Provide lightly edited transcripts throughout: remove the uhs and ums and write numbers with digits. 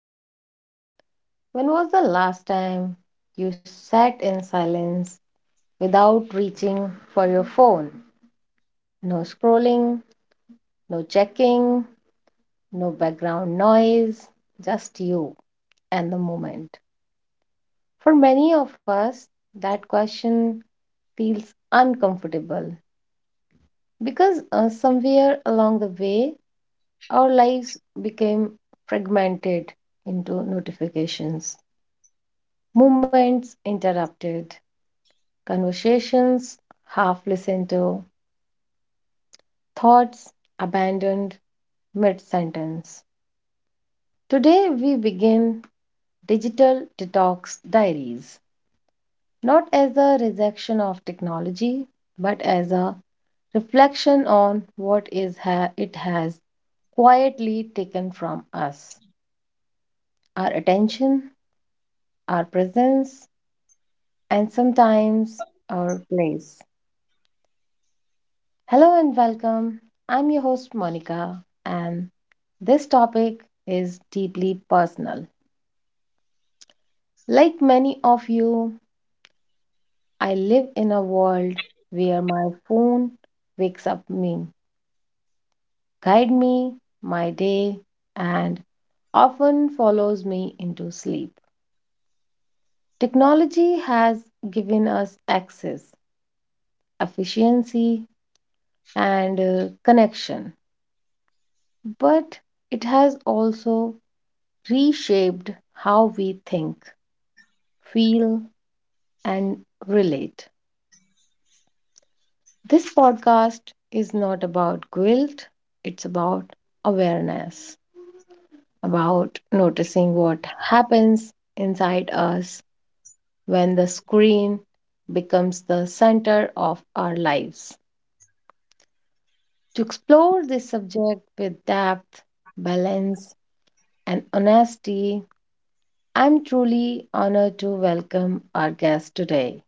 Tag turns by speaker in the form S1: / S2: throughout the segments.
S1: everyone. When was the last time you sat in silence without reaching for your phone? No scrolling, no checking, no background noise, just you and the moment. For many of us, that question feels uncomfortable because somewhere along the way, our lives became fragmented into notifications, moments interrupted, conversations half listened to, thoughts abandoned mid sentence. Today we begin Digital Detox Diaries, not as a rejection of technology, but as a reflection on it has quietly taken from us, our attention, our presence, and sometimes our place. Hello and welcome. I'm your host Monica, and this topic is deeply personal. Like many of you, I live in a world where my phone wakes up me, guide me my day, and often follows me into sleep. Technology has given us access, efficiency, and connection, but it has also reshaped how we think, feel, and relate. This podcast is not about guilt, it's about awareness, about noticing what happens inside us when the screen becomes the center of our lives. To explore this subject with depth, balance, and honesty, I'm truly honored to welcome our guest today.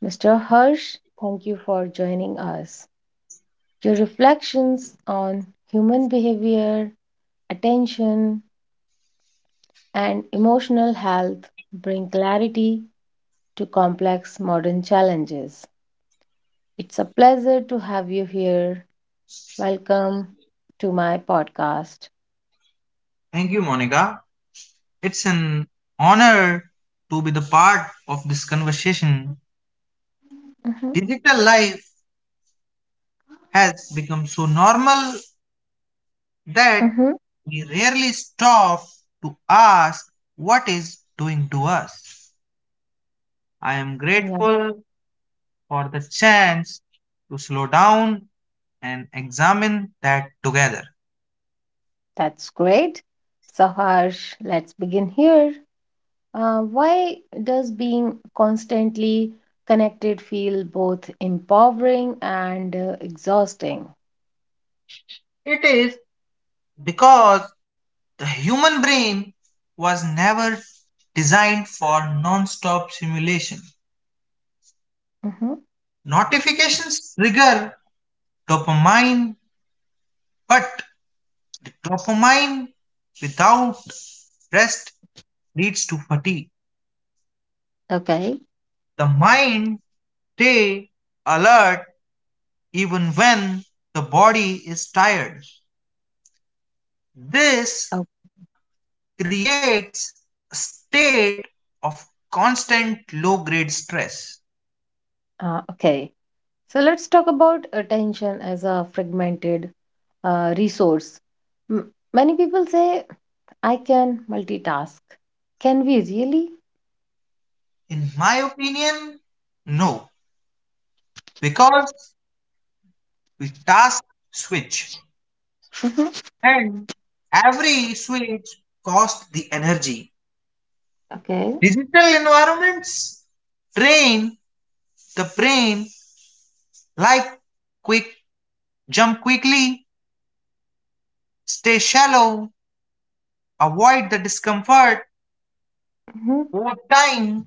S1: Mr. Harsh, thank you for joining us. Your reflections on human behavior, attention, and emotional health bring clarity to complex modern challenges. It's a pleasure to have you here. Welcome to my podcast.
S2: Thank you, Monica. It's an honor to be the part of this conversation.
S1: hmm
S2: Digital life has become so normal that
S1: hmm
S2: we rarely stop to ask what is doing to us. I am
S1: Yeah,
S2: grateful for the chance to slow down and examine that together.
S1: that's great. So, Harsh, let's begin here. Why does being constantly connected feel both empowering and exhausting?
S2: It is because the human brain was never designed for non stop simulation.
S1: hmm
S2: Notifications trigger dopamine, but the dopamine without rest leads to fatigue.
S1: Okay.
S2: The mind stay alert even when the body is tired. This
S1: Oh,
S2: creates a state of constant low grade stress.
S1: okay. So let's talk about attention as a fragmented resource. M- Many people say, I can multitask. Can we really?
S2: In my opinion, no, because we task switch
S1: Mhm.
S2: and every switch costs the energy.
S1: Okay.
S2: Digital environments train the brain like quick jump quickly, stay shallow, avoid the discomfort
S1: Mhm.
S2: over time,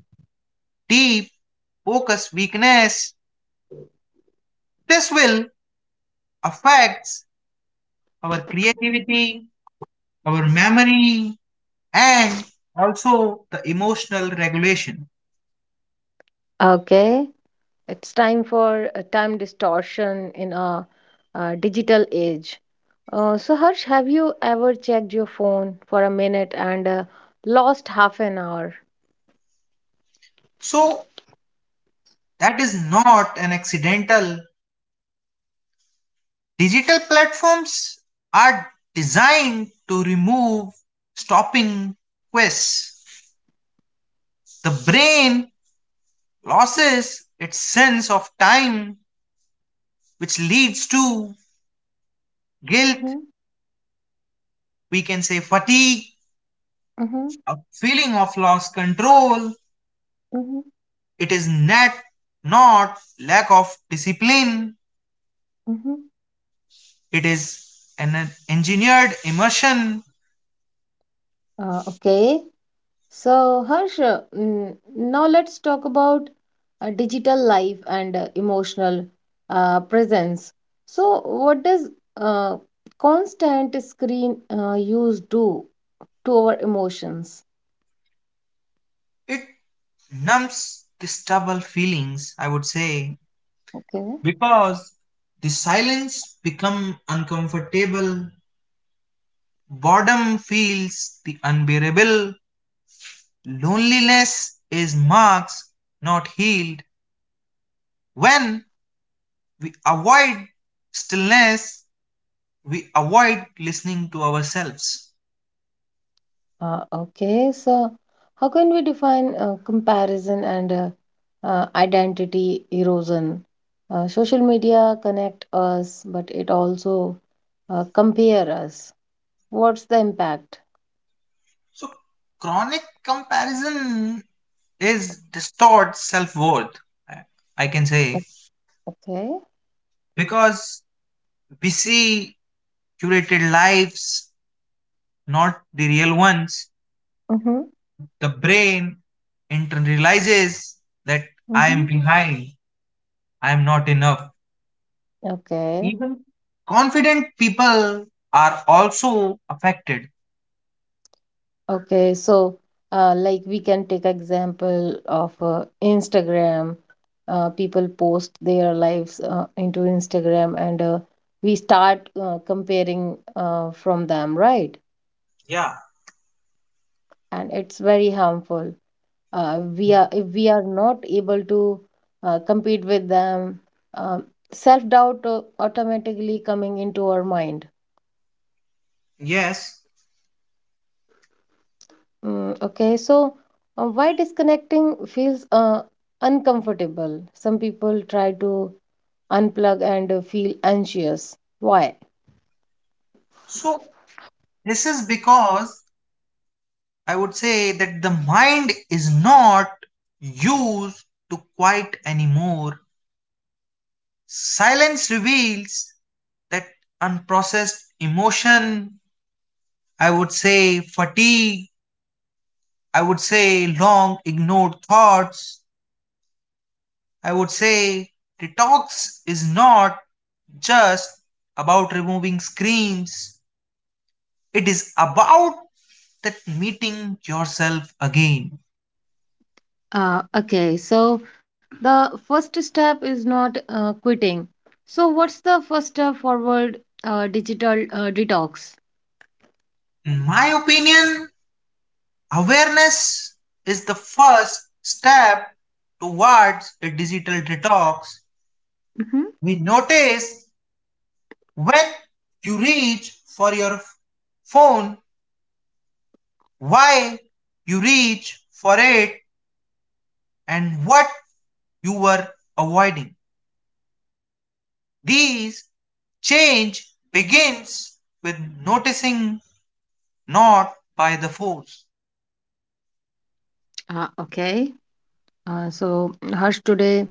S2: deep focus weakness. This will affects our creativity, our memory, and also the emotional regulation.
S1: Okay. It's time for a time distortion in a, digital age. So, Harsh, have you ever checked your phone for a minute and lost half an hour?
S2: So that is not an accidental. Digital platforms are designed to remove stopping quests. The brain loses its sense of time, which leads to guilt,
S1: Mm-hmm,
S2: we can say fatigue,
S1: mm-hmm,
S2: a feeling of lost control.
S1: mm-hmm,
S2: It is not lack of discipline,
S1: mm-hmm.
S2: it is an engineered immersion.
S1: Okay. So, Harsh, now let's talk about digital life and emotional presence. So, what does uh, constant screen use do to our emotions?
S2: It numbs these double feelings, I would say,
S1: Okay.
S2: because the silence become uncomfortable, boredom feels the unbearable, loneliness is marks not healed. When we avoid stillness, we avoid listening to ourselves.
S1: Okay, so how can we define comparison and identity erosion? Social media connect us, but it also compare us. What's the impact?
S2: So chronic comparison is distorts self-worth, i I can say,
S1: Okay.
S2: because we see curated lives, not the real ones.
S1: Mm-hmm.
S2: The brain internalizes that I am
S1: Mm-hmm.
S2: behind, I am not enough.
S1: Okay.
S2: Even confident people are also affected.
S1: Okay, so like we can take example of Instagram. People post their lives into Instagram, and we start comparing from them, right?
S2: Yeah.
S1: And it's very harmful. We are if we are not able to compete with them, um self-doubt automatically coming into our mind.
S2: Yes.
S1: Okay, so why disconnecting feels uncomfortable? Some people try to unplug and feel anxious. Why?
S2: So, this is because I would say that the mind is not used to quiet anymore. Silence reveals that unprocessed emotion, I would say fatigue, I would say long ignored thoughts, I would say detox is not just about removing screens, it is about that meeting yourself again.
S1: Okay, so the first step is not quitting. So, what's the first step forward digital detox?
S2: In my opinion, awareness is the first step towards a digital detox.
S1: Mm-hmm.
S2: We notice when you reach for your phone, why you reach for it, and what you were avoiding. These change begins with noticing, not by the force.
S1: Okay, so Harsh, today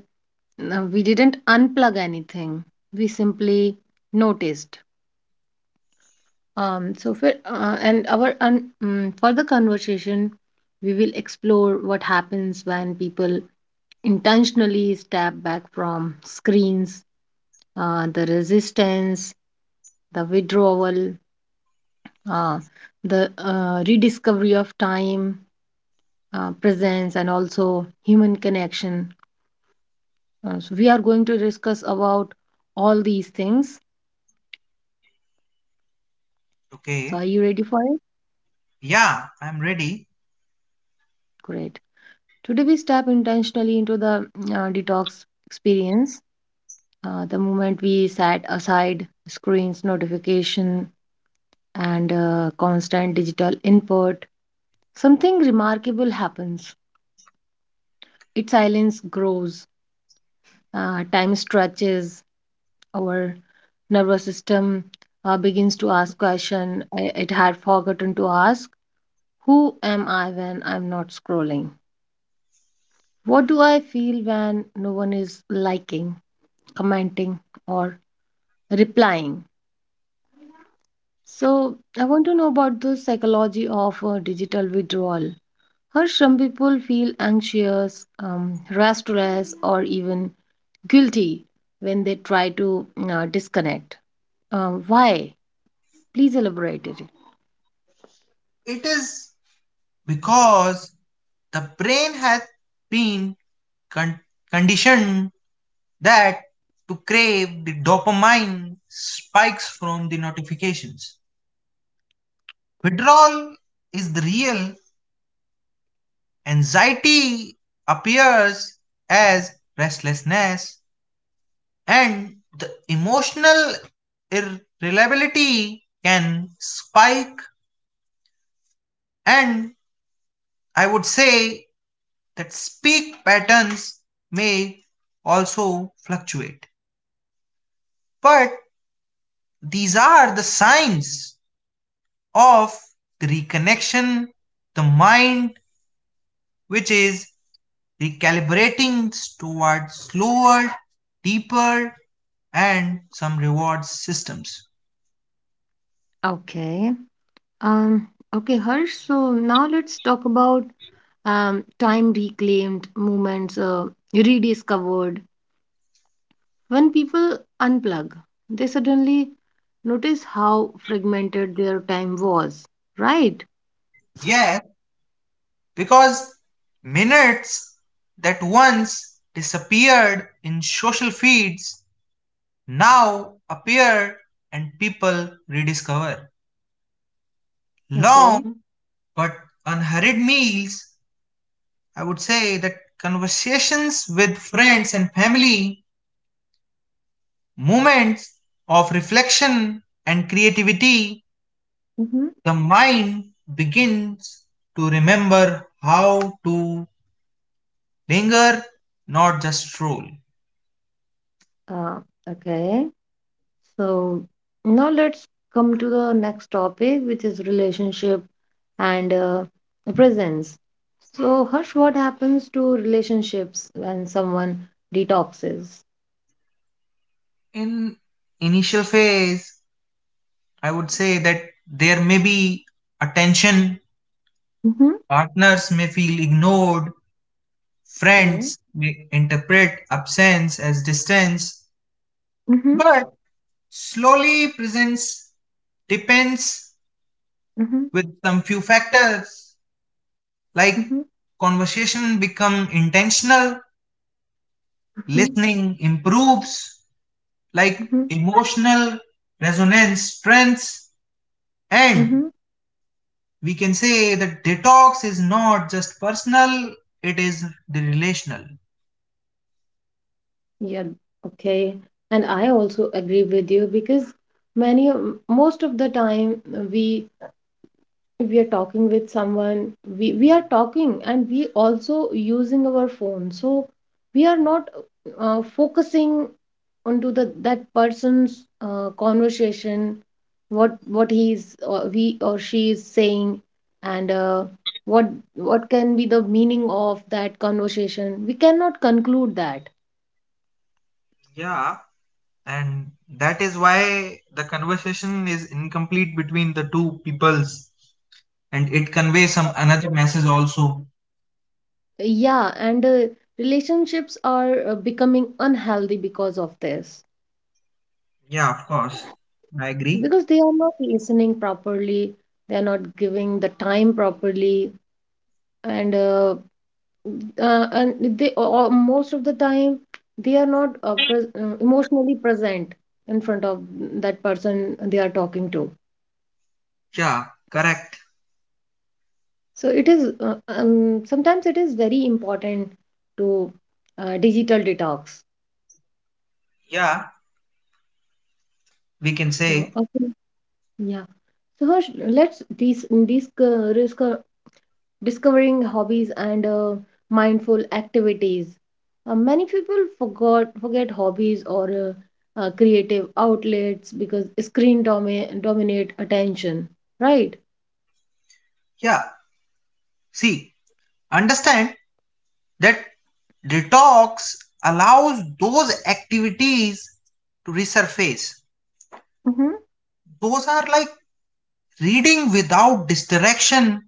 S1: we didn't unplug anything, we simply noticed. So for further conversation, we will explore what happens when people intentionally step back from screens, the resistance, the withdrawal, uh, the rediscovery of time, presence, and also human connection. So we are going to discuss about all these things. So
S2: Okay,
S1: are you ready for it?
S2: yeah, I'm ready.
S1: Great. Today we step intentionally into the detox experience. The moment we set aside screens, notification, and constant digital input, something remarkable happens. Its silence grows, time stretches, our nervous system begins to ask question it had forgotten to ask. Who am I when I'm not scrolling? What do I feel when no one is liking, commenting, or replying? So I want to know about the psychology of digital withdrawal. How some people feel anxious, restless, or even guilty when they try to disconnect. Why? Please elaborate it.
S2: It is because the brain has been con- conditioned that to crave the dopamine spikes from the notifications. Withdrawal is the real anxiety, appears as restlessness, and the emotional irreliability can spike, and I would say that speak patterns may also fluctuate, but these are the signs of the reconnection, the mind which is recalibrating towards slower, deeper, and some reward systems.
S1: Okay. Um, okay, Harsh. So now let's talk about time reclaimed, moments rediscovered. When people unplug, they suddenly notice how fragmented their time was, right?
S2: Yes, because minutes that once disappeared in social feeds now appear, and people rediscover.
S1: Okay.
S2: Long but unhurried meals, I would say that conversations with friends and family, moments of reflection and creativity,
S1: Mm-hmm.
S2: the mind begins to remember how to linger, not just stroll.
S1: Uh, okay. So now let's come to the next topic, which is relationship and presence. So, Harsh, what happens to relationships when someone detoxes?
S2: In initial phase, I would say that there may be attention.
S1: Mm-hmm.
S2: Partners may feel ignored,
S1: Okay.
S2: friends may interpret absence as distance,
S1: Mm-hmm.
S2: but slowly presence depends
S1: Mm-hmm.
S2: with some few factors
S1: Mm-hmm.
S2: like conversation become intentional,
S1: Mm-hmm.
S2: listening improves, like
S1: Mm-hmm.
S2: emotional resonance strengths,
S1: Mm-hmm.
S2: and we can say that detox is not just personal, it is the relational.
S1: Yeah, okay. And I also agree with you because most of the time we we are talking with someone, we are talking and we also using our phone. So we are not focusing onto the that person's conversation, what he's or we or she is saying, and what what can be the meaning of that conversation. We cannot conclude that.
S2: Yeah, and that is why the conversation is incomplete between the two peoples. And it conveys some another message also.
S1: Yeah, and relationships are becoming unhealthy because of this.
S2: Yeah, of course. I agree.
S1: Because they are not listening properly, they are not giving the time properly, and and they or most of the time they are not pres emotionally present in front of that person they are talking to.
S2: Yeah, correct.
S1: So it is sometimes it is very important to digital detox.
S2: Yeah, we can
S1: So
S2: say,
S1: okay. Yeah. So Harsh, let's discovering hobbies and mindful activities. Many people forgot forget hobbies or creative outlets because dominate attention, right?
S2: yeah, see, understand that detox allows those activities to resurface.
S1: Mm-hmm.
S2: Those are like reading without distraction,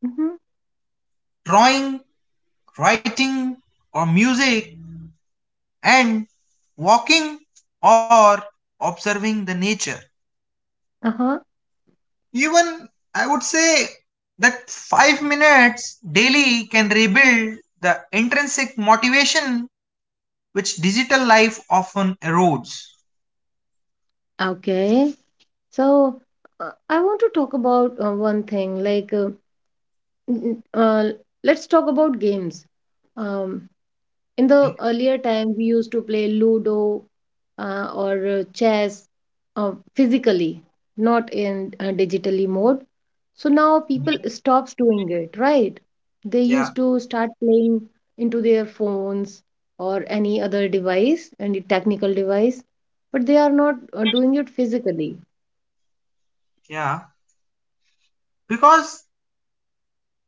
S1: Mm-hmm.
S2: drawing, writing, or music, and walking or observing the nature.
S1: Uh-huh.
S2: Even I would say that 5 minutes daily can rebuild the intrinsic motivation which digital life often erodes.
S1: Okay. So I want to talk about one thing like n- n- uh, let's talk about games. Um, In the
S2: Okay.
S1: earlier time, we used to play Ludo or chess physically, not in digitally mode. So now people stops doing it, right? They
S2: Yeah,
S1: used to start playing into their phones or any other device, any technical device, but they are not doing it physically.
S2: yeah. Because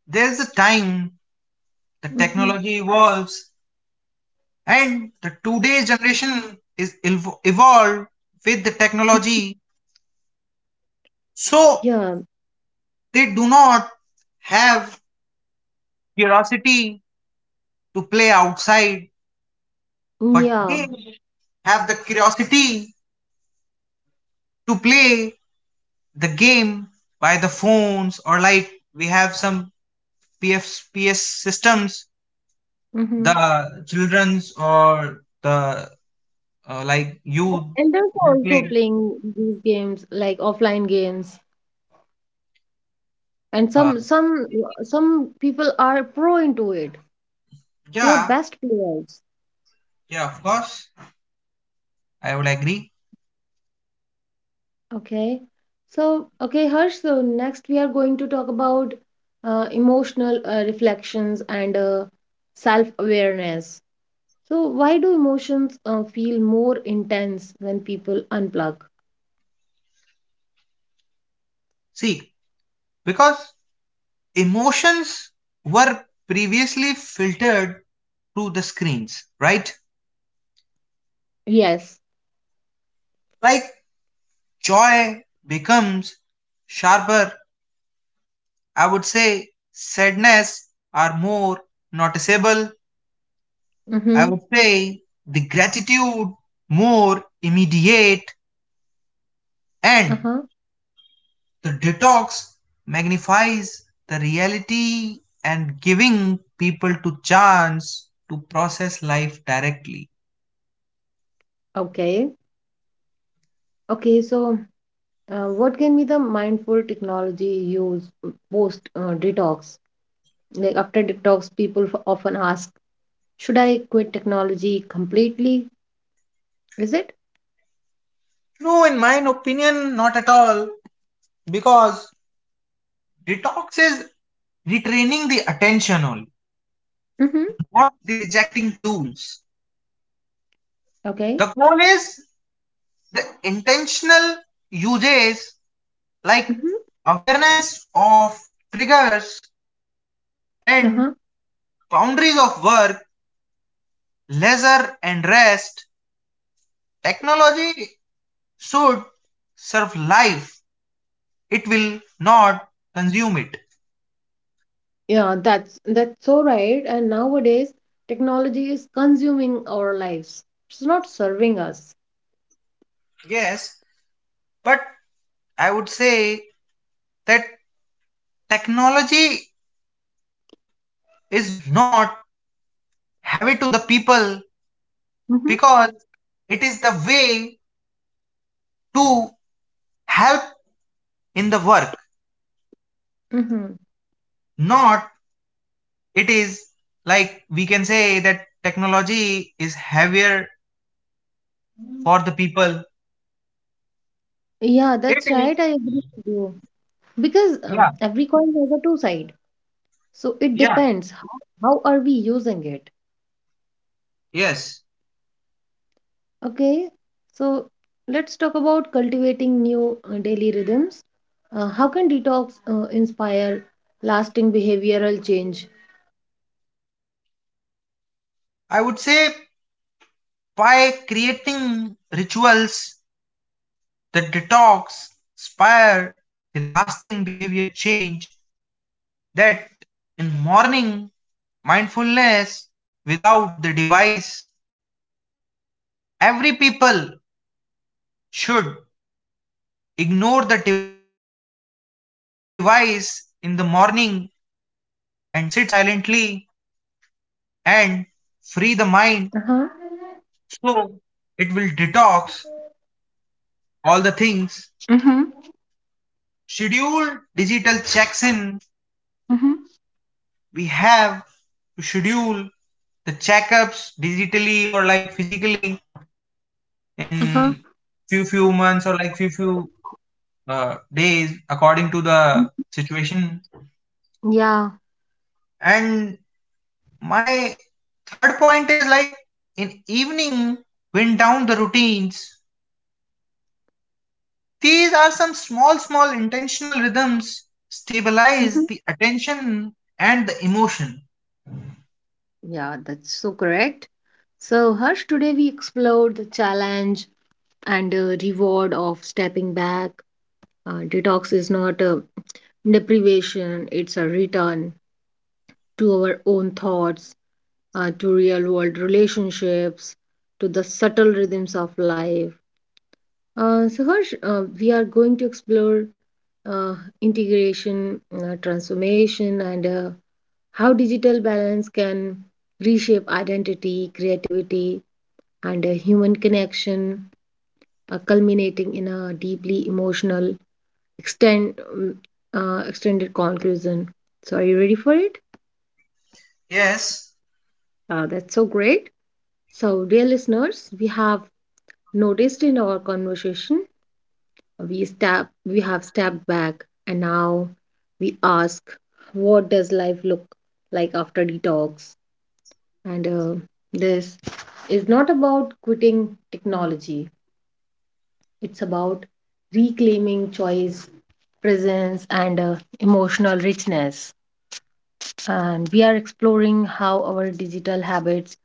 S2: there's a time the
S1: hmm
S2: technology evolves. And the today's generation is evolved with the technology, so
S1: Yeah,
S2: they do not have curiosity to play outside, but
S1: yeah.
S2: they have the curiosity to play the game by the phones, or like we have some PF, PS systems,
S1: hmm
S2: the children's or the like youth
S1: And are
S2: will play.
S1: also playing these games like offline games and
S2: Uh,
S1: some people are pro into it, they are
S2: yeah,
S1: best players.
S2: yeah, of course, I would agree.
S1: Okay, so okay Harsh, so next we are going to talk about emotional reflections and self awareness. So why do emotions feel more intense when people unplug?
S2: See, because emotions were previously filtered through the screens, right?
S1: Yes.
S2: Like joy becomes sharper, I would say sadness are more noticeable, I
S1: Mm-hmm.
S2: would say the gratitude more immediate, and
S1: Uh-huh.
S2: the detox magnifies the reality and giving people to chance to process life directly.
S1: Okay. Okay, so what can be the mindful technology used post detox? Like after detox, people often ask, should I quit technology completely? Is it?
S2: No, in my opinion, not at all. Because detox is retraining the attention only,
S1: Mm-hmm.
S2: not the rejecting tools.
S1: Okay.
S2: The goal is the intentional usage like
S1: Mm-hmm.
S2: awareness of triggers and
S1: Uh-huh.
S2: boundaries of work, leisure and rest. Technology should serve life. It will not consume it.
S1: Yeah, that's so right. And nowadays, technology is consuming our lives. It's not serving us.
S2: Yes, but I would say that technology is not have it to the people,
S1: hmm
S2: because it is the way to help in the work,
S1: Mm-hmm.
S2: not it is, like we can say that technology is heavier for the people,
S1: Yeah,
S2: it
S1: that's
S2: is
S1: right. I agree with you. Because
S2: yeah
S1: every coin has a two side. So it
S2: yeah.
S1: depends how are we using it.
S2: Yes,
S1: Okay, so let's talk about cultivating new daily rhythms. How can detox inspire lasting behavioral change?
S2: I would say by creating rituals that detox inspire the lasting behavior change, that in morning mindfulness without the device, every people should ignore the device in the morning and sit silently and free the mind,
S1: Uh huh.
S2: so it will detox all the things.
S1: Mm-hmm.
S2: Schedule digital checks in,
S1: Mm-hmm.
S2: we have to schedule the checkups digitally or like physically
S1: Uh huh.
S2: in few months, or like few days according to the situation.
S1: Yeah.
S2: And my third point is like in evening wind down the routines, these are some small intentional rhythms
S1: Mm-hmm.
S2: stabilize the attention and the emotion.
S1: Yeah, that's so correct. So, Harsh, today we explored the challenge and reward of stepping back. Detox is not a deprivation, it's a return to our own thoughts, to real world relationships, to the subtle rhythms of life. So, Harsh, we are going to explore uh, integration, transformation, and how digital balance can reshape identity, creativity, and human connection, culminating in a deeply emotional extend, um, extended conclusion. So, are you ready for it?
S2: Yes.
S1: That's so great. So, dear listeners, we have noticed in our conversation, we have stepped back, and now we ask, what does life look like after detox? And this is not about quitting technology. It's about reclaiming choice, presence, and emotional richness. And we are exploring how our digital habits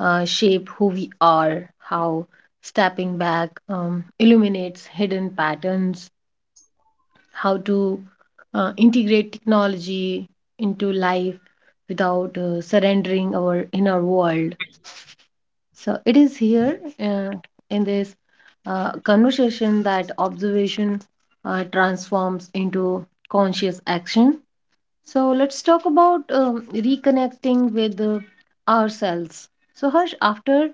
S1: shape who we are, how stepping back illuminates hidden patterns, how to integrate technology into life without surrendering our inner world. So it is here in this conversation that observation transforms into conscious action. So let's talk about reconnecting with ourselves. So, Harsh, after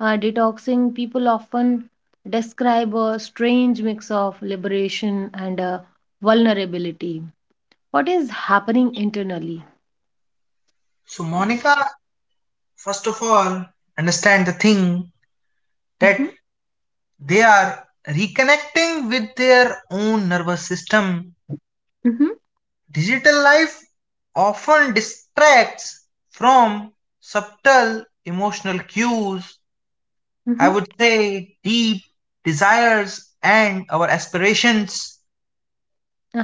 S1: detoxing, people often describe a strange mix of liberation and vulnerability. What is happening internally?
S2: So Monica, first of all, understand the thing that
S1: Mm-hmm,
S2: they are reconnecting with their own nervous system.
S1: mm-hmm,
S2: Digital life often distracts from subtle emotional cues, I
S1: mm-hmm.
S2: would say deep desires and our aspirations.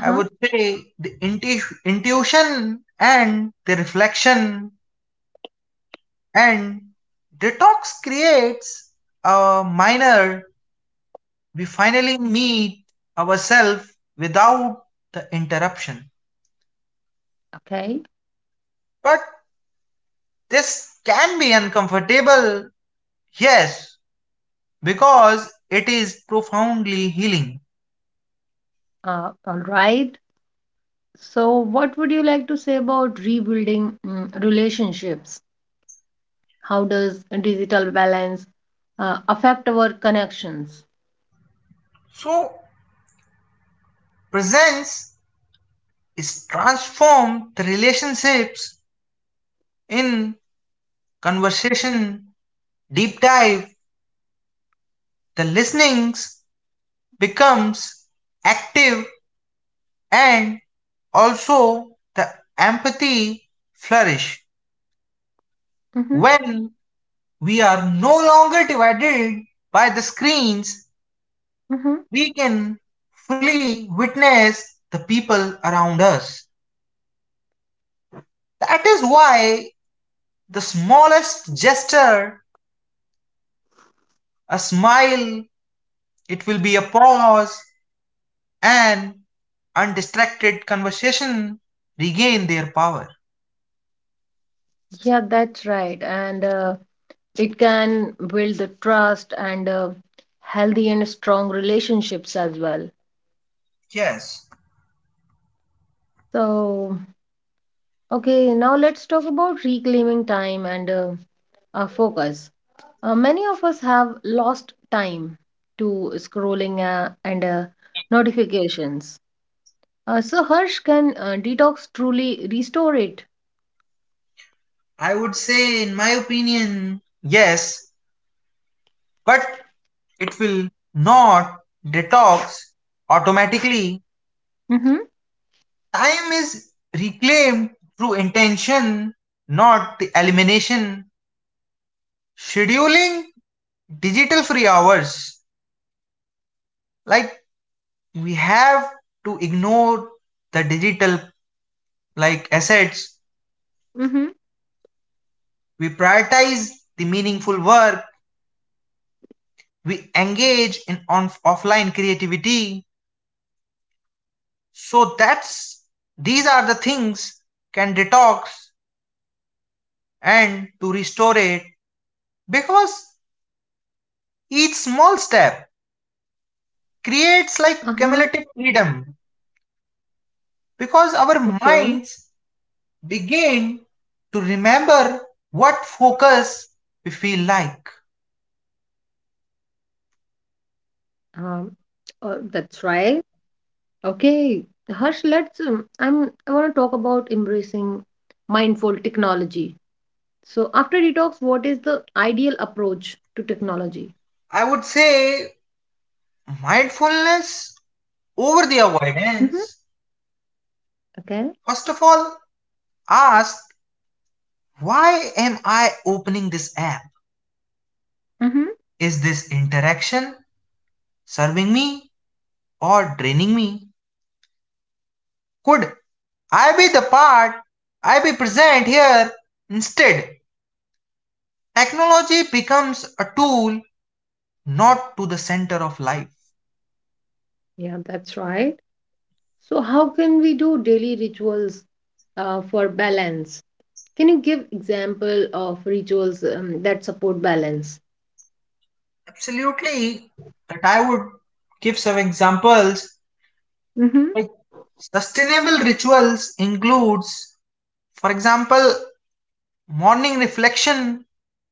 S2: I would say the intuition and the reflection, and detox creates a minor, we finally meet ourselves without the interruption.
S1: Okay.
S2: But this can be uncomfortable, yes, because it is profoundly healing.
S1: All right. So, what would you like to say about rebuilding relationships? How does digital balance affect our connections?
S2: So, presence is transformed the relationships in conversation, deep dive, the listenings becomes active, and also the empathy flourish
S1: Mm-hmm,
S2: when we are no longer divided by the screens.
S1: mm-hmm.
S2: We can fully witness the people around us, that is why the smallest gesture, a smile, it will be a pause, and undistracted conversation regain their power.
S1: Yeah, that's right. And it can build the trust and healthy and strong relationships as well.
S2: Yes.
S1: So, okay, now let's talk about reclaiming time and focus. Many of us have lost time to scrolling and notifications. So, Harsh, can detox truly restore it?
S2: I would say, in my opinion, yes, but it will not detox automatically.
S1: Mm-hmm.
S2: Time is reclaimed through intention, not the elimination. Scheduling digital free hours, like we have to ignore the digital like assets,
S1: Mm-hmm.
S2: we prioritize the meaningful work, we engage in on offline creativity, so that's these are the things can detox and to restore it, because each small step
S1: Uh huh.
S2: creates like cumulative freedom,
S1: Okay.
S2: because our minds begin to remember what focus we feel like.
S1: Um, oh, that's right. Okay. Harsh, let's. I'm. I want to talk about embracing mindful technology. So, after detox, what is the ideal approach to technology?
S2: I would say mindfulness over the
S1: Mm-hmm.
S2: avoidance.
S1: Okay.
S2: First of all, ask, why am I opening this app?
S1: Mm-hmm.
S2: Is this interaction serving me or draining me? Could I be the part? I be present here instead. Technology becomes a tool, not to the center of life.
S1: Yeah, that's right. So, how can we do daily rituals for balance? Can you give example of rituals that support balance?
S2: Absolutely, that I would give some examples
S1: Mm-hmm.
S2: like sustainable rituals includes, for example, morning reflection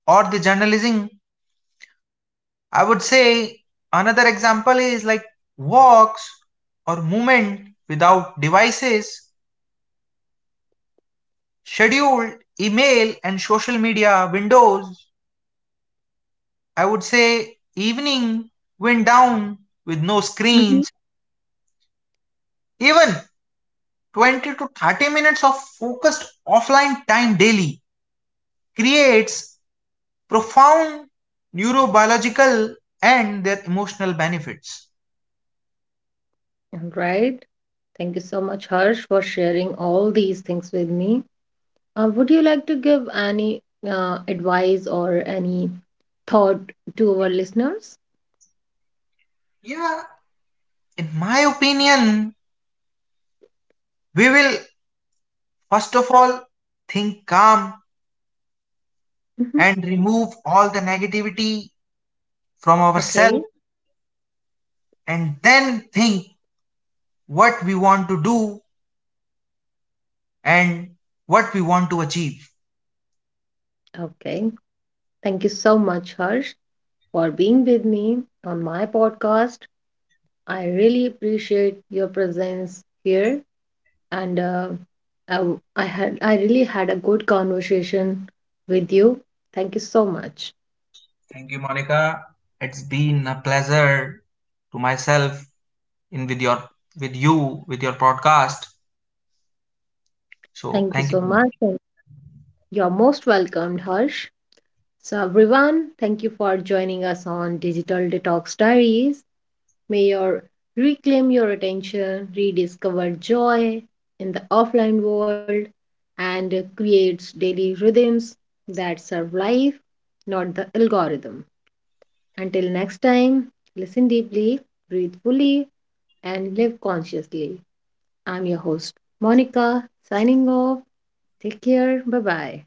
S2: or the journalism, I would say another example is like walks or movement without devices, scheduled email and social media windows, I would say evening went down with no
S1: Mm-hmm.
S2: screens. Even 20 to 30 minutes of focused offline time daily creates profound neurobiological and their emotional benefits.
S1: All right. Thank you so much, Harsh, for sharing all these things with me. Would you like to give any advice or any thought to our listeners?
S2: Yeah, in my opinion, we will first of all think calm
S1: Mm-hmm.
S2: and remove all the negativity from ourselves,
S1: Okay.
S2: and then think what we want to do and what we want to achieve.
S1: Okay. Thank you so much, Harsh, for being with me on my podcast. I really appreciate your presence here and I really had a good conversation with you. Thank you so much.
S2: Thank you, Monica. It's been a pleasure to myself in with your podcast. So
S1: Thank you
S2: thank
S1: so
S2: you.
S1: much. And you're most welcomed, Harsh. So everyone, thank you for joining us on Digital Detox Diaries. May your reclaim your attention, rediscover joy in the offline world, and creates daily rhythms that serve life, not the algorithm. Until next time, listen deeply, breathe fully, and live consciously. I'm your host, Monica, signing off. Take care. Bye bye.